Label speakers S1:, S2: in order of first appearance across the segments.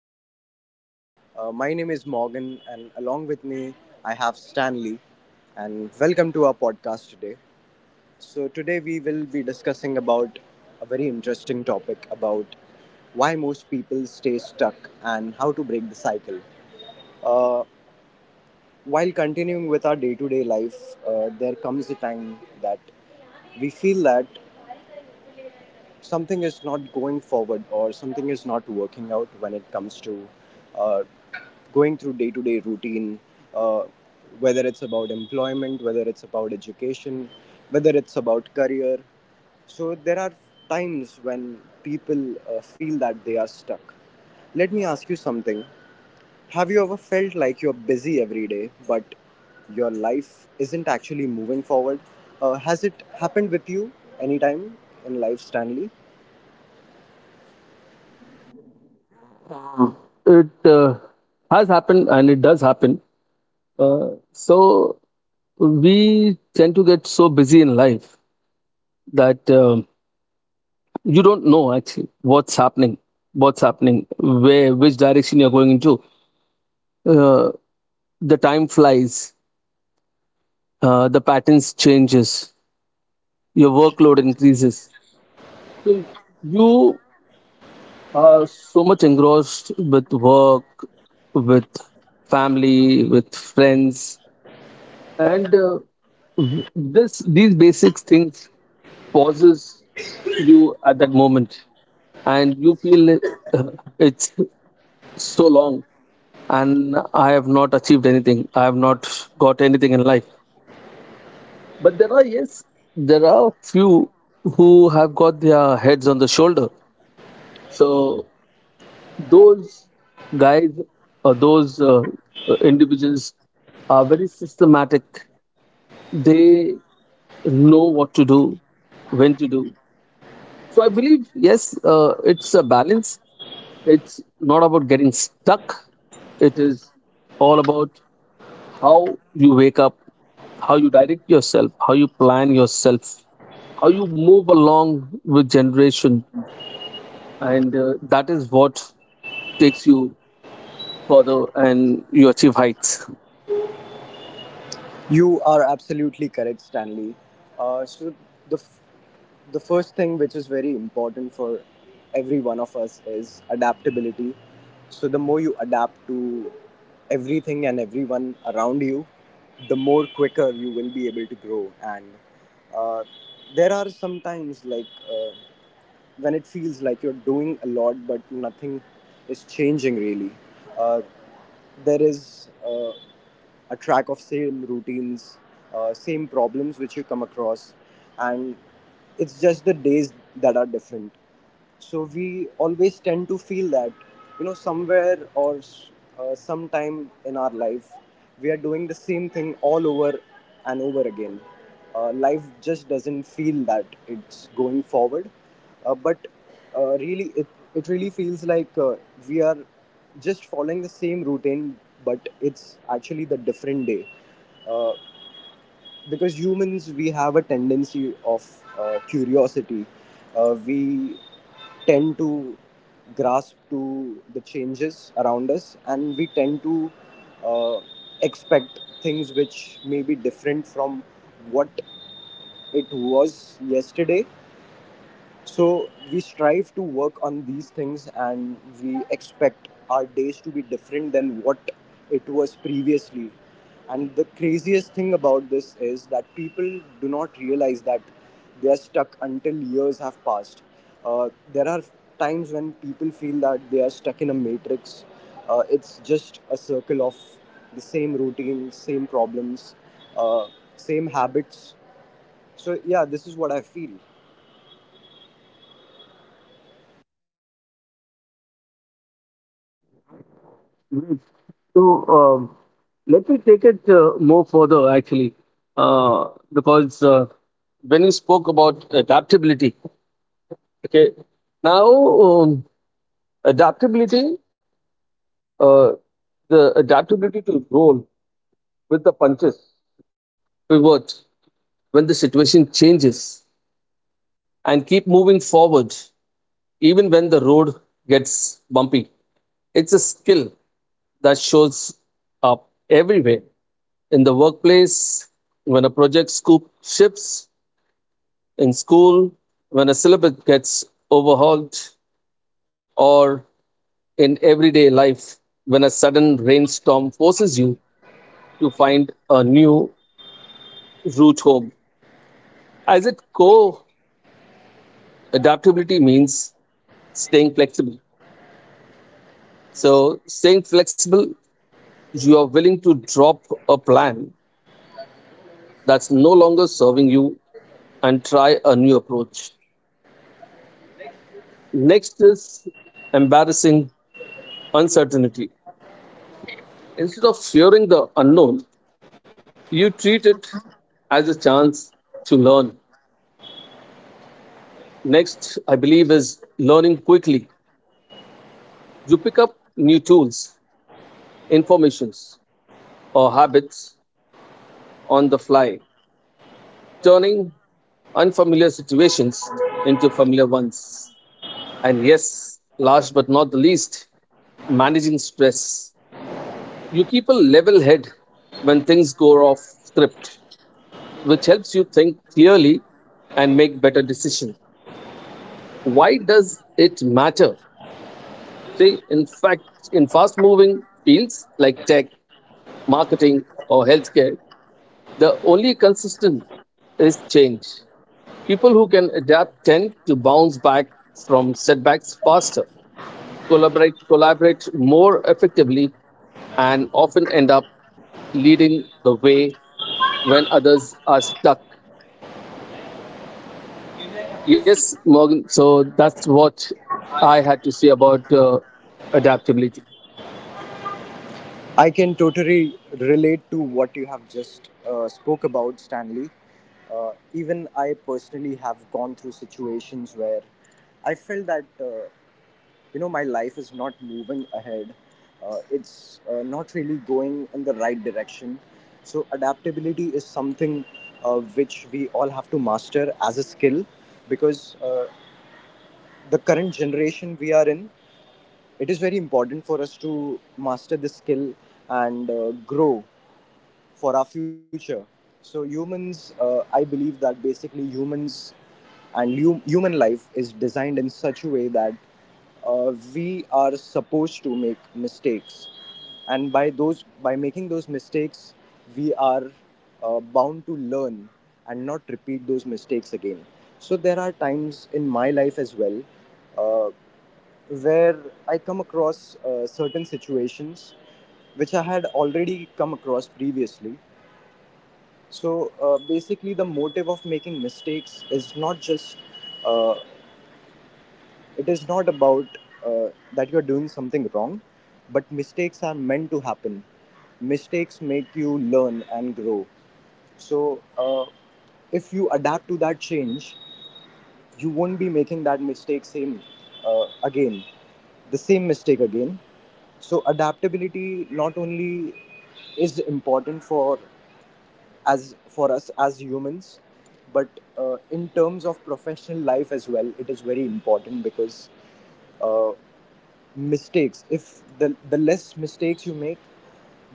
S1: afternoon, everyone. My name is Morgan, and along with me, I have Stanley. And welcome to our podcast today. So, today we will be discussing about a very interesting topic about why most people stay stuck and how to break the cycle. Uh, while continuing with our day to day life, there comes a time that we feel that something is not going forward or something is not working out when it comes to uh, going through day to day routine, uh, whether it's about employment, whether it's about education, whether it's about career. So there are times when people feel that they are stuck. Let me ask you something. Have you ever felt like you're busy every day, but your life isn't actually moving forward? Has it happened with you anytime in life, Stanley?
S2: It has happened and it does happen. So we tend to get so busy in life that you don't know actually what's happening, where, which direction you're going into. Uh, the time flies, the patterns changes, your workload increases. So you are so much engrossed with work, with family, with friends, and w- this these basic things pauses you at that moment, and you feel it, it's so long, and I have not achieved anything. I have not got anything in life, but there are yes there are few who have got their heads on the shoulder. So those guys, or those individuals, are very systematic. They know what to do, when to do. So I believe, yes, it's a balance. It's not about getting stuck. It is all about how you wake up, how you direct yourself, how you plan yourself, how you move along with generation. And that is what takes you further and you achieve heights.
S1: You are absolutely correct, Stanley. So the f- the first thing which is very important for every one of us is adaptability. So the more you adapt to everything and everyone around you, the more quicker you will be able to grow. And uh, there are sometimes like when it feels like you're doing a lot, but nothing is changing really. Uh, there is. A track of same routines, same problems which you come across, and it's just the days that are different. So we always tend to feel that, you know, somewhere or sometime in our life, we are doing the same thing all over and over again. Life just doesn't feel that it's going forward, but really, it really feels like we are just following the same routine, but it's actually the different day. Uh, because humans, we have a tendency of curiosity. We tend to grasp to the changes around us, and we tend to uh, expect things which may be different from what it was yesterday. So we strive to work on these things and we expect our days to be different than what it was previously. And the craziest thing about this is that people do not realize that they are stuck until years have passed. There are times when people feel that they are stuck in a matrix. It's just a circle of the same routine, same problems, uh, same habits. So, yeah, this is what I feel.
S2: So um, let me take it more further, actually, because when you spoke about adaptability, okay, now, um, adaptability, uh, the adaptability to roll with the punches, pivot when the situation changes, and keep moving forward even when the road gets bumpy. It's a skill that shows up everywhere: in the workplace, when a project scope shifts; in school, when a syllabus gets overhauled; or in everyday life, when a sudden rainstorm forces you to find a new route home. As its core, adaptability means staying flexible. So, staying flexible, you are willing to drop a plan that's no longer serving you and try a new approach. Next is embarrassing uncertainty. Instead of fearing the unknown, you treat it as a chance to learn. Next, I believe, is learning quickly. You pick up new tools, informations, or habits on the fly, turning unfamiliar situations into familiar ones. And yes, last but not the least, managing stress. You keep a level head when things go off script, which helps you think clearly and make better decisions. Why does it matter? See, in fact, in fast moving fields like tech, marketing, or healthcare, the only consistent is change. People who can adapt tend to bounce back from setbacks faster, collaborate more effectively, and often end up leading the way when others are stuck.
S1: Yes.
S2: Yes, Morgan. So that's what I
S1: I
S2: had to say about adaptability.
S1: I can totally relate to what you have just spoke about, Stanley. Even I personally have gone through situations where I felt that you know my life is not moving ahead. It's not really going in the right direction. So adaptability is something which we all have to master as a skill because the current generation we are in, it is very important for us to master this skill and grow for our future. So, humans, I believe that basically humans and human life is designed in such a way that we are supposed to make mistakes and by making those mistakes we are bound to learn and not repeat those mistakes again. So there are times in my life as well, uh, where I come across certain situations which I had already come across previously. So basically, the motive of making mistakes is not just, uh, it is not about uh, that you're doing something wrong, but mistakes are meant to happen. Mistakes make you learn and grow. So if you adapt to that change, you won't be making that mistake same again, the same mistake again. So adaptability not only is important for as for us as humans, but in terms of professional life as well, it is very important because uh, mistakes, if the less mistakes you make,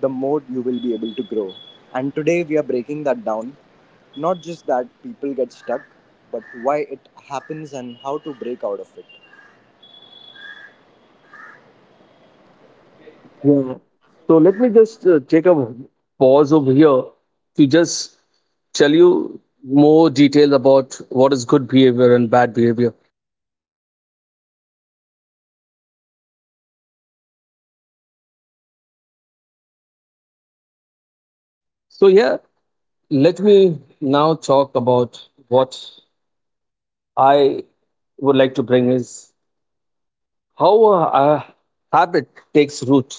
S1: the more you will be able to grow. And today we are breaking that down, not just that people get stuck, but why it happens and how to break out of it.
S2: Yeah. So let me just take a pause over here to just tell you more detail about what is good behavior and bad behavior. So yeah, let me now talk about what I would like to bring is how a habit takes root.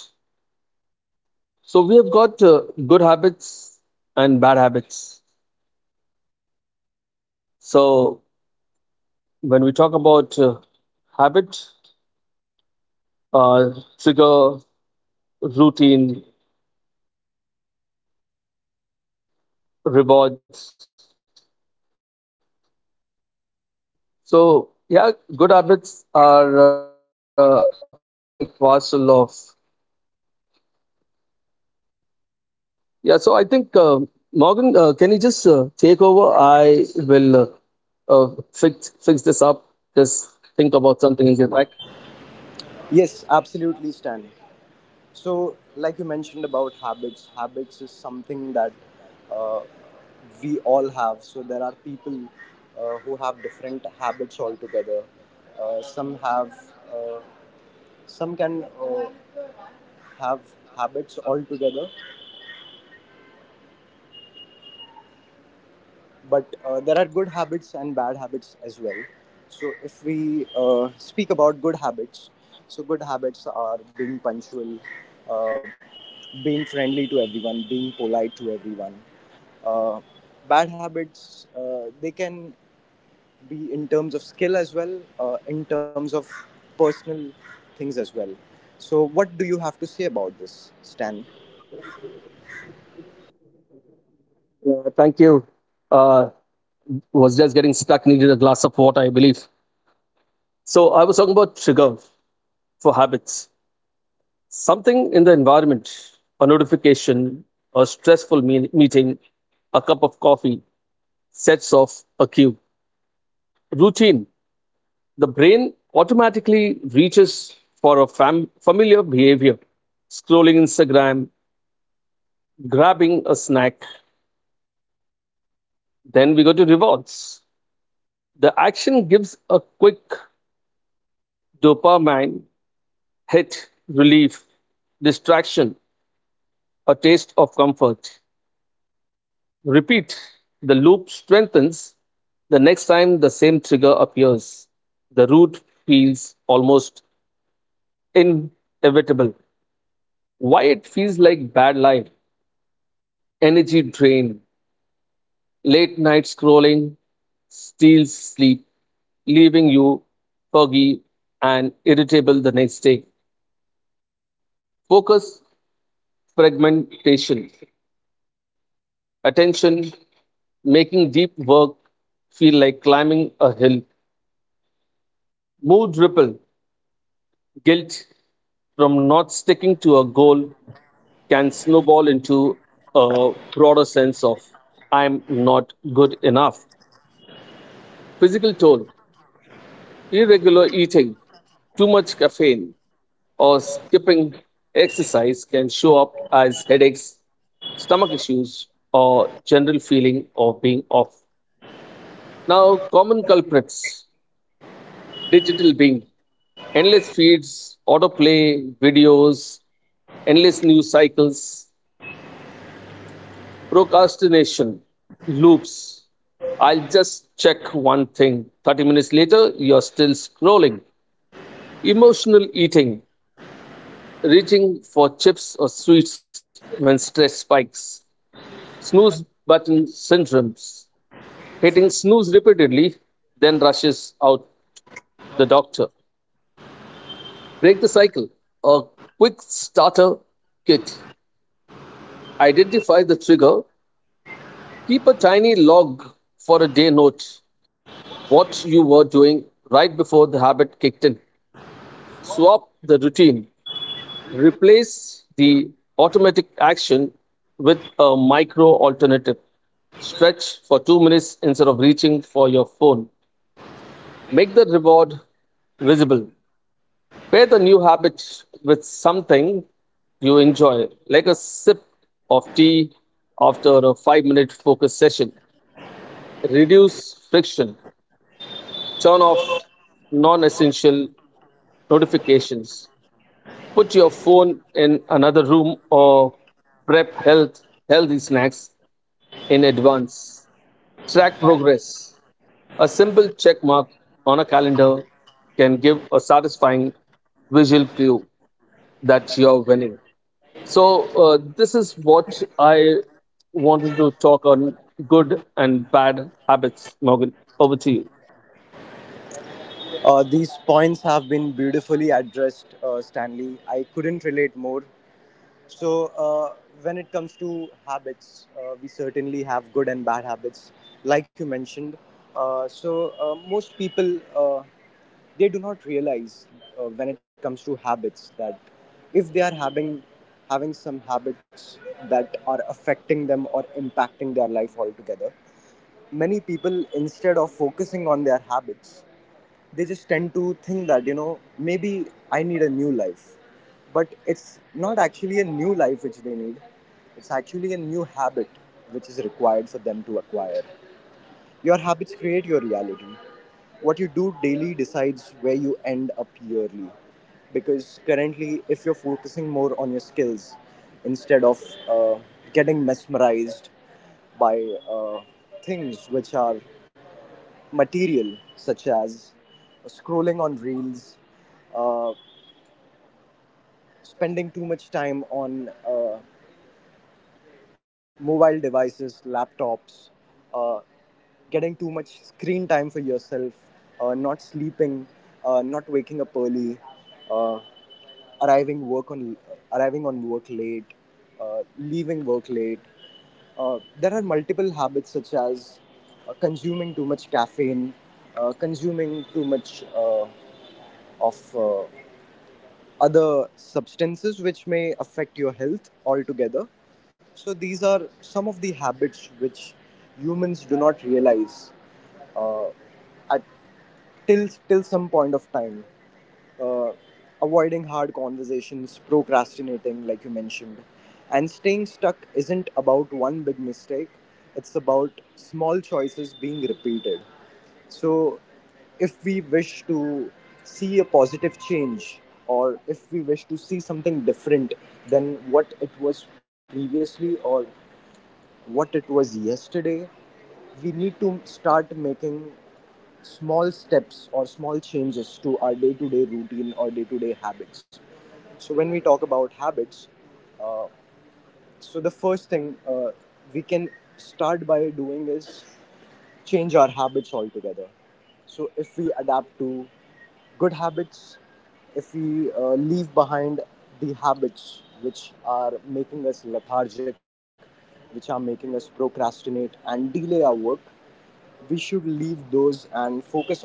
S2: So we have got good habits and bad habits. So when we talk about habit, uh, trigger, routine, rewards. So yeah, good habits are a part and parcel of. Yeah, so I think Morgan, can you just take over? I will fix this up. Just think about something and get back.
S1: Yes, absolutely, Stan. So like you mentioned about habits, habits is something that uh, we all have. So there are people who have different habits altogether. Some have uh, some can have habits altogether, but there are good habits and bad habits as well. So, if we speak about good habits, so good habits are being punctual, uh, being friendly to everyone, being polite to everyone. Uh, Bad habits, they can be in terms of skill as well, in terms of personal things as well. So, what do you have to say about this, Stan?
S2: Yeah, thank you. Uh, was just getting stuck. Needed a glass of water, I believe. So I was talking about trigger for habits. Something in the environment, notification, a stressful meeting, a cup of coffee sets off a cue. Routine. The brain automatically reaches for a familiar behavior, scrolling Instagram, grabbing a snack. Then we go to rewards. The action gives a quick dopamine hit, relief, distraction, a taste of comfort. Repeat. The loop strengthens the next time the same trigger appears. The root feels almost inevitable. Why it feels like bad life: energy drain, late night scrolling steals sleep, leaving you foggy and irritable the next day. Focus fragmentation, attention, making deep work feel like climbing a hill. Mood ripple, guilt from not sticking to a goal can snowball into a broader sense of I'm not good enough. Physical toll: irregular eating, too much caffeine, or skipping exercise can show up as headaches, stomach issues, or general feeling of being off. Now, common culprits: digital being, endless feeds, autoplay, videos, endless news cycles, procrastination loops. I'll just check one thing. 30 minutes later, you're still scrolling. Emotional eating, reaching for chips or sweets when stress spikes. Snooze button syndromes, hitting snooze repeatedly, then rushes out the doctor. Break the cycle. A quick starter kit. Identify trigger. Keep a tiny log for a day, note what you were doing right before the habit kicked in. Swap the routine. Replace the automatic action with a micro alternative. Stretch for 2 minutes instead of reaching for your phone. Make the reward visible. Pair the new habit with something you enjoy, like a sip of tea after a 5 minute focus session. Reduce friction. Turn off non essential notifications. Put your phone in another room, or prep health, healthy snacks in advance. Track progress. A simple check mark on a calendar can give a satisfying visual cue that you're winning. So, this is what I wanted to talk on good and bad habits. Morgan, over to you.
S1: These points have been beautifully addressed, Stanley. I couldn't relate more. So, uh, when it comes to habits, we certainly have good and bad habits, like you mentioned. So, most people they do not realize when it comes to habits that if they are having some habits that are affecting them or impacting their life altogether. Many people, instead of focusing on their habits, they just tend to think that, you know, maybe I need a new life, but it's not actually a new life which they need, it's actually a new habit which is required for them to acquire. Your habits create your reality. What you do daily decides where you end up yearly. Because currently, if you're focusing more on your skills instead of uh, getting mesmerized by uh, things which are material, such as scrolling on reels, uh, spending too much time on mobile devices, laptops, uh, getting too much screen time for yourself, not sleeping, not waking up early, uh, arriving work on arriving on work late, leaving work late. There are multiple habits such as consuming too much caffeine, consuming too much. Of other substances which may affect your health altogether. So, these are some of the habits which humans do not realize uh, at till some point of time. uh, Avoiding hard conversations, procrastinating, like you mentioned, and staying stuck isn't about one big mistake, it's about small choices being repeated. So if we wish to see a positive change, or if we wish to see something different than what it was previously or what it was yesterday, we need to start making small steps or small changes to our day to day routine or day to day habits. So, when we talk about habits, uh, so the first thing we can start by doing is change our habits altogether. So, if we adapt to good habits, if we leave behind the habits which are making us lethargic, which are making us procrastinate and delay our work, we should leave those and focus on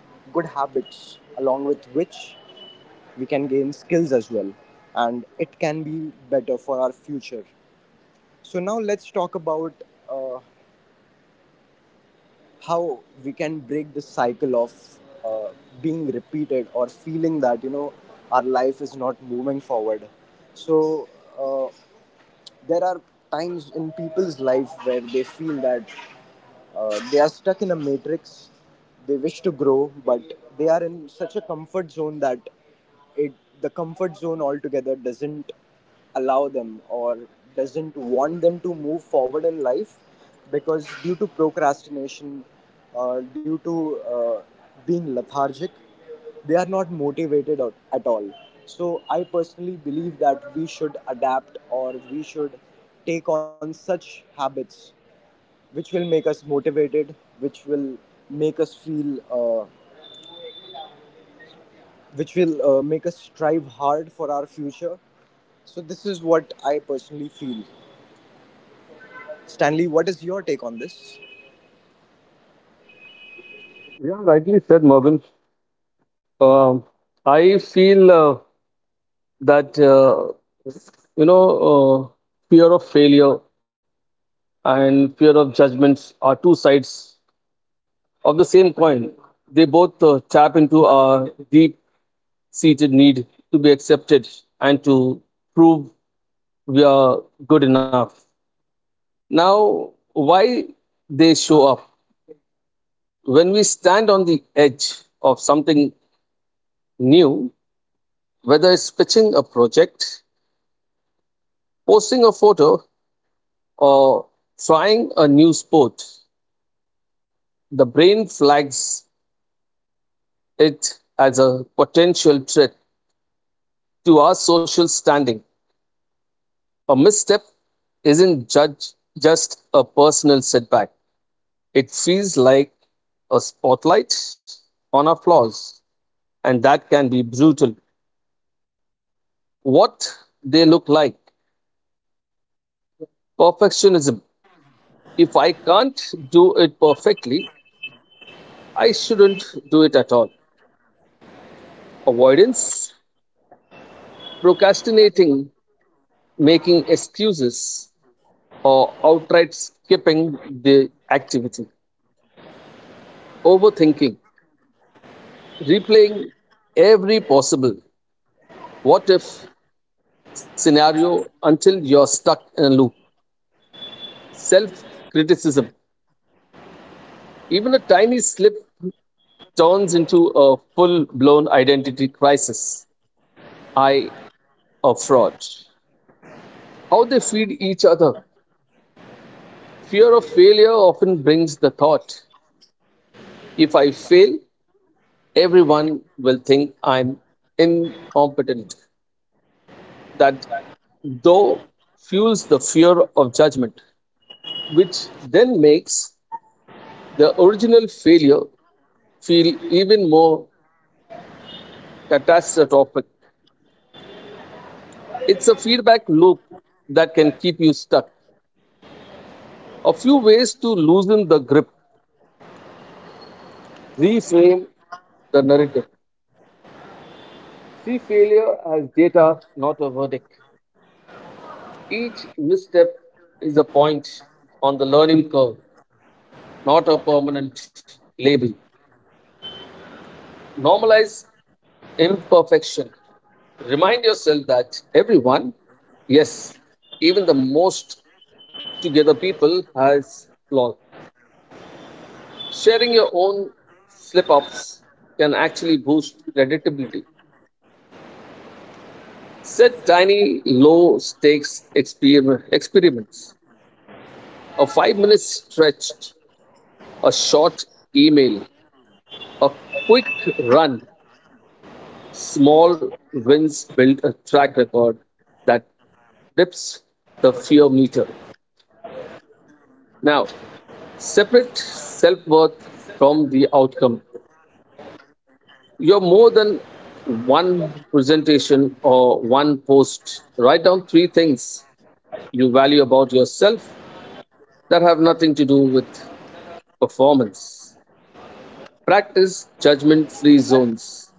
S1: good habits, along with which we can gain skills as well, and it can be better for our future. So now let's talk about uh, how we can break the cycle of uh, being repeated or feeling that, you know, our life is not moving forward. So uh, there are times in people's life where they feel that they are stuck in a matrix. They wish to grow, but they are in such a comfort zone that it, the comfort zone altogether doesn't allow them or doesn't want them to move forward in life, because due to procrastination, due to uh, being lethargic, they are not motivated at all. So I personally believe that we should adapt or we should take on such habits which will make us motivated, which will make us feel uh, which will make us strive hard for our future. So this is what I personally feel. Stanley, what is your take on this?
S2: Yeah, rightly said, Morgan. Um, I feel that, you know uh, fear of failure and fear of judgments are two sides of the same coin. They both tap into our deep seated need to be accepted and to prove we are good enough. Now, why they show up: when we stand on the edge of something new, whether it's pitching a project, posting a photo, or trying a new sport, the brain flags it as a potential threat to our social standing. A misstep isn't judge, just a personal setback. It feels like a spotlight on our flaws, and that can be brutal. What they look like: perfectionism. If I can't do it perfectly, I shouldn't do it at all. Avoidance, procrastinating, making excuses, or outright skipping the activity. Overthinking, replaying every possible what if scenario until you're stuck in a loop. Self criticism, even a tiny slip turns into a full blown identity crisis. I a fraud. How they feed each other. Fear of failure often brings the thought, if I fail, everyone will think I'm incompetent. That though fuels the fear of judgment, which then makes the original failure feel even more catastrophic. It's a feedback loop that can keep you stuck. A few ways to loosen the grip: reframe the narrative. See failure as data, not a verdict. Each misstep is a point on the learning curve, not a permanent label. Normalize imperfection. Remind yourself that everyone, yes, even the most together people, has flaws. Sharing your own slip ups can actually boost creditability. Set tiny, low stakes experiments. A 5 minute stretch, a short email, a quick run. Small wins build a track record that dips the fear meter. Now, separate self worth from the outcome. You're more than one presentation or one post. Write down three things you value about yourself that have nothing to do with performance. Practice judgment free zones.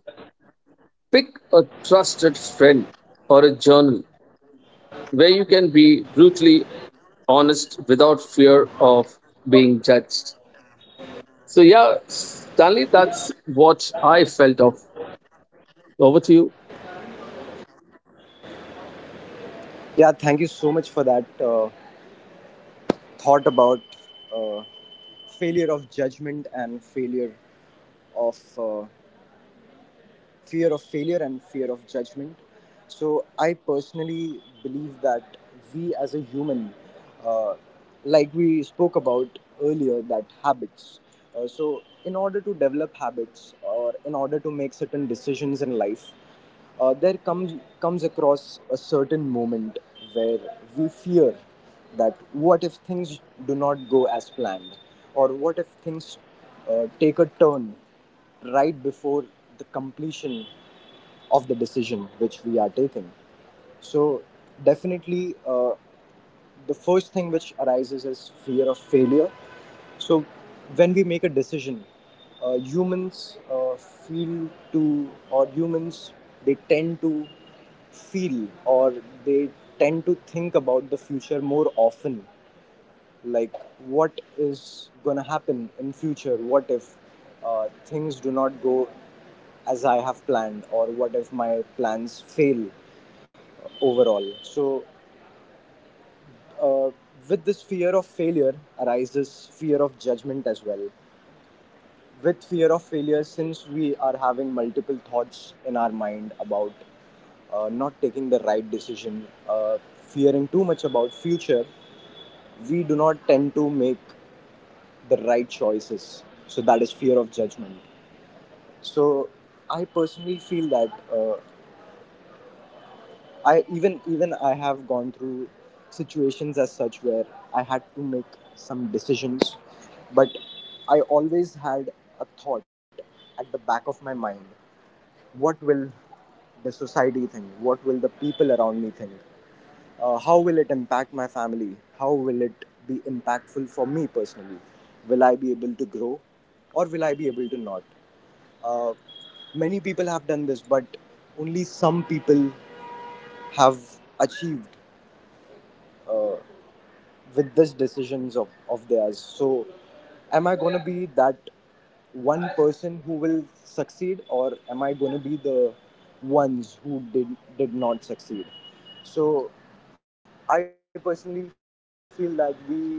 S2: Pick a trusted friend or a journal where you can be brutally honest without fear of being judged. So, yeah, Stanley, that's what I felt of. Over to you.
S1: Yeah, thank you so much for that thought about uh, failure of judgment and failure of fear of failure and fear of judgment. So, I personally believe that we as a human, uh, like we spoke about earlier, that habits. So, in order to develop habits or in order to make certain decisions in life, there comes across a certain moment where we fear that what if things do not go as planned, or what if things take a turn right before the completion of the decision which we are taking. So, definitely, the first thing which arises is fear of failure. So, when we make a decision, humans feel to, or humans they tend to feel or they tend to think about the future more often, like what is gonna happen in future. What if things do not go as I have planned, or what if my plans fail overall? So uh, with this fear of failure arises fear of judgment as well. With fear of failure, since we are having multiple thoughts in our mind about not taking the right decision, fearing too much about future, we do not tend to make the right choices. So that is fear of judgment. So I personally feel that I even I have gone through situations as such where I had to make some decisions, but I always had a thought at the back of my mind: what will the society think? What will the people around me think? How will it impact my family? How will it be impactful for me personally? Will I be able to grow, or will I be able to not? Uh, Many people have done this, but only some people have achieved with this decisions of theirs. So am I going to be that one person who will succeed, or am I going to be the ones who did not succeed? So I personally feel that we,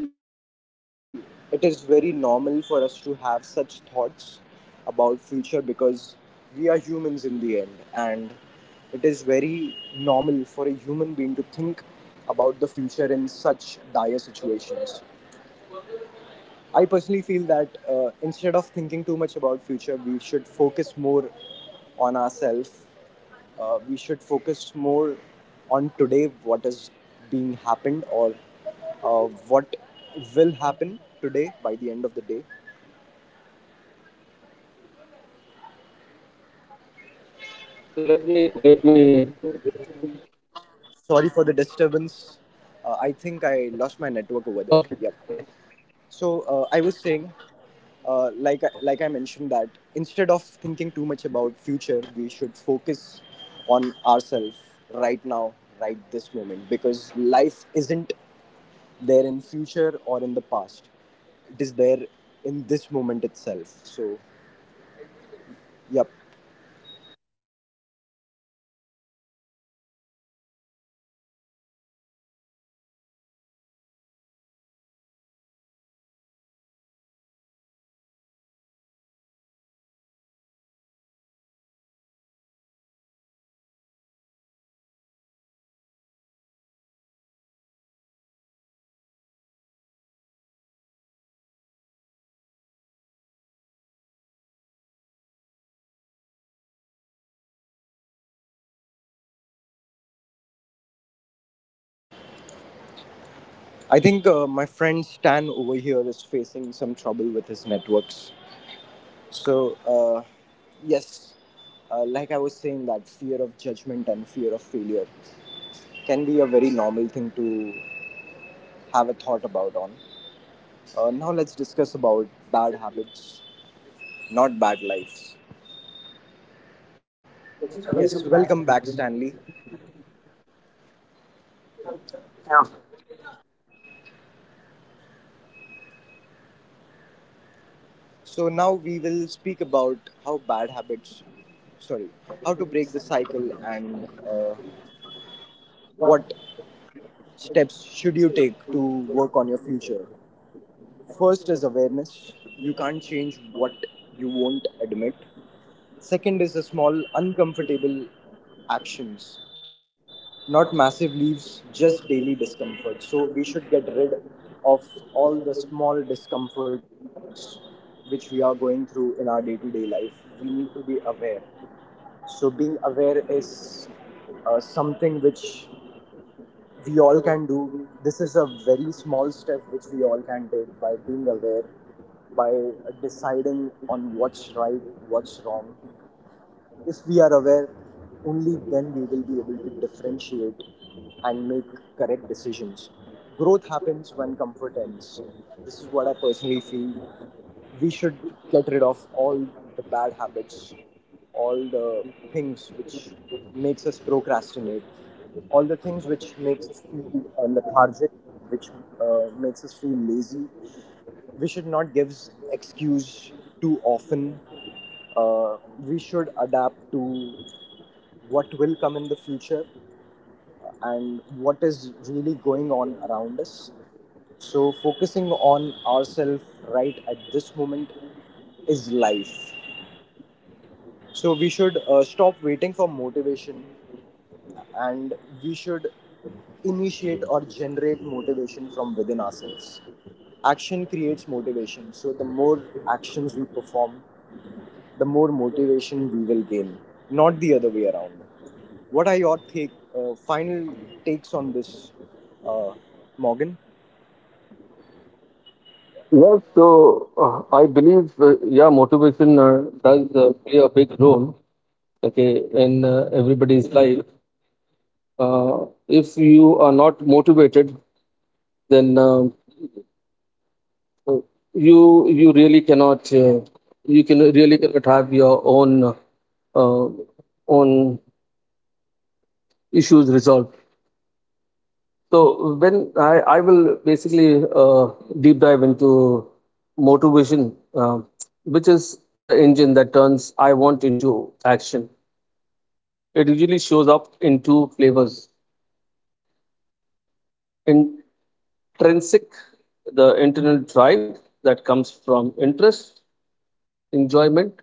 S1: it is very normal for us to have such thoughts about future, because we are humans in the end, and it is very normal for a human being to think about the future in such dire situations. I personally feel that instead of thinking too much about future, we should focus more on ourselves. We should focus more on today, what is being happened, or what will happen today by the end of the day.
S2: So let me, let me,
S1: Sorry for the disturbance. I think I lost my
S2: Okay.
S1: network over there. Yep. So I was saying, like like I mentioned, that instead of thinking too much about future, we should focus on ourselves right now, right this moment, because life isn't there in future or in the past. It is there in this moment itself. So, yep. I think my friend Stan over here is facing some trouble with his networks. So, yes, like I was saying, that fear of judgment and fear of failure can be a very normal thing to have a thought about on. Now let's discuss about bad habits, not bad lives. Yes, welcome back, Stanley. So now we will speak about how bad habits, sorry, how to break the cycle, and what steps should you take to work on your future. First is awareness. You can't change what you won't admit. Second is the small, uncomfortable actions, not massive leaves, just daily discomfort. So we should get rid of all the small discomforts which we are going through in our day to day life. We need to be aware. So being aware is something which we all can do. This is a very small step which we all can take, by being aware, by deciding on what's right, what's wrong. If we are aware, only then we will be able to differentiate and make correct decisions. Growth happens when comfort ends. This is what I personally feel. We should get rid of all the bad habits, all the things which makes us procrastinate, all the things which makes us feel lethargic, which makes us feel lazy. We should not give excuse too often. Uh, we should adapt to what will come in the future and what is really going on around us. So, focusing on ourselves right at this moment is life. So, we should stop waiting for motivation, and we should initiate or generate motivation from within ourselves. Action creates motivation. So, the more actions we perform, the more motivation we will gain, not the other way around. What are your take, final takes on this, uh, Morgan?
S2: Yes, so I believe, yeah, motivation does play a big role, okay, in everybody's life. If you are not motivated, then you you really cannot, you can really cannot have your uh, own issues resolved. So when I will basically deep dive into motor vision, which is the engine that turns I want into action. It usually shows up in two flavors: intrinsic, the internal drive that comes from interest, enjoyment,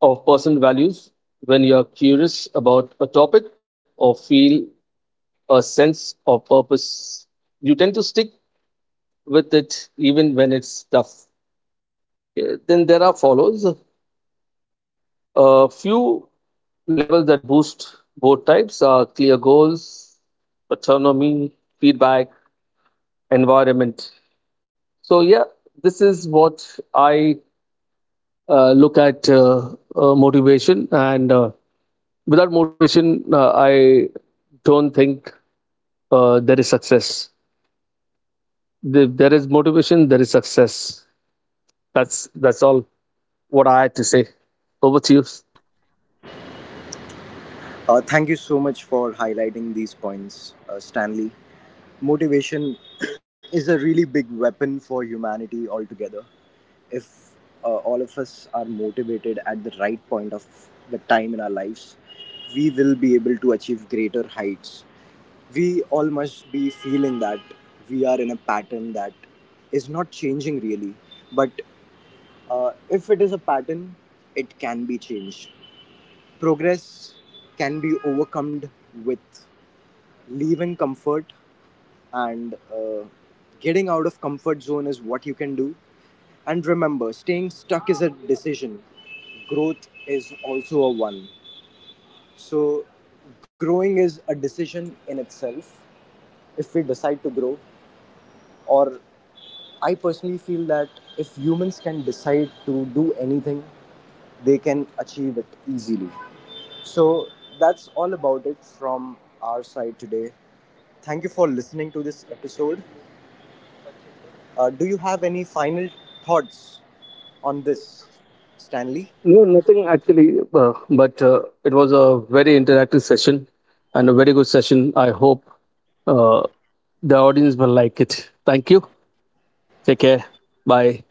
S2: or personal values. When you are curious about a topic or feel a sense of purpose, you tend to stick with it even when it's tough. Okay. Then there are follows a few levels that boost both types are clear goals, autonomy, feedback, environment. So yeah, this is what I look at, motivation, and without motivation, I don't think there is success. If there is motivation, there is success. That's all what I had to say. Over to you.
S1: Thank you so much for highlighting these points, Stanley. Motivation is a really big weapon for humanity altogether. If all of us are motivated at the right point of the time in our lives, we will be able to achieve greater heights. We all must be feeling that we are in a pattern that is not changing really, but if it is a pattern, it can be changed. Progress can be overcome with leaving comfort, and getting out of comfort zone is what you can do. And remember, staying stuck is a decision, growth is also a one. So growing is a decision in itself. If we decide to grow, or I personally feel that if humans can decide to do anything, they can achieve it easily. So that's all about it from our side today. Thank you for listening to this episode. Do you have any final thoughts on this, Stanley?
S2: No, nothing actually, but it was a very interactive session and a very good session. I hope uh, the audience will like it. Thank you. Take care. Bye.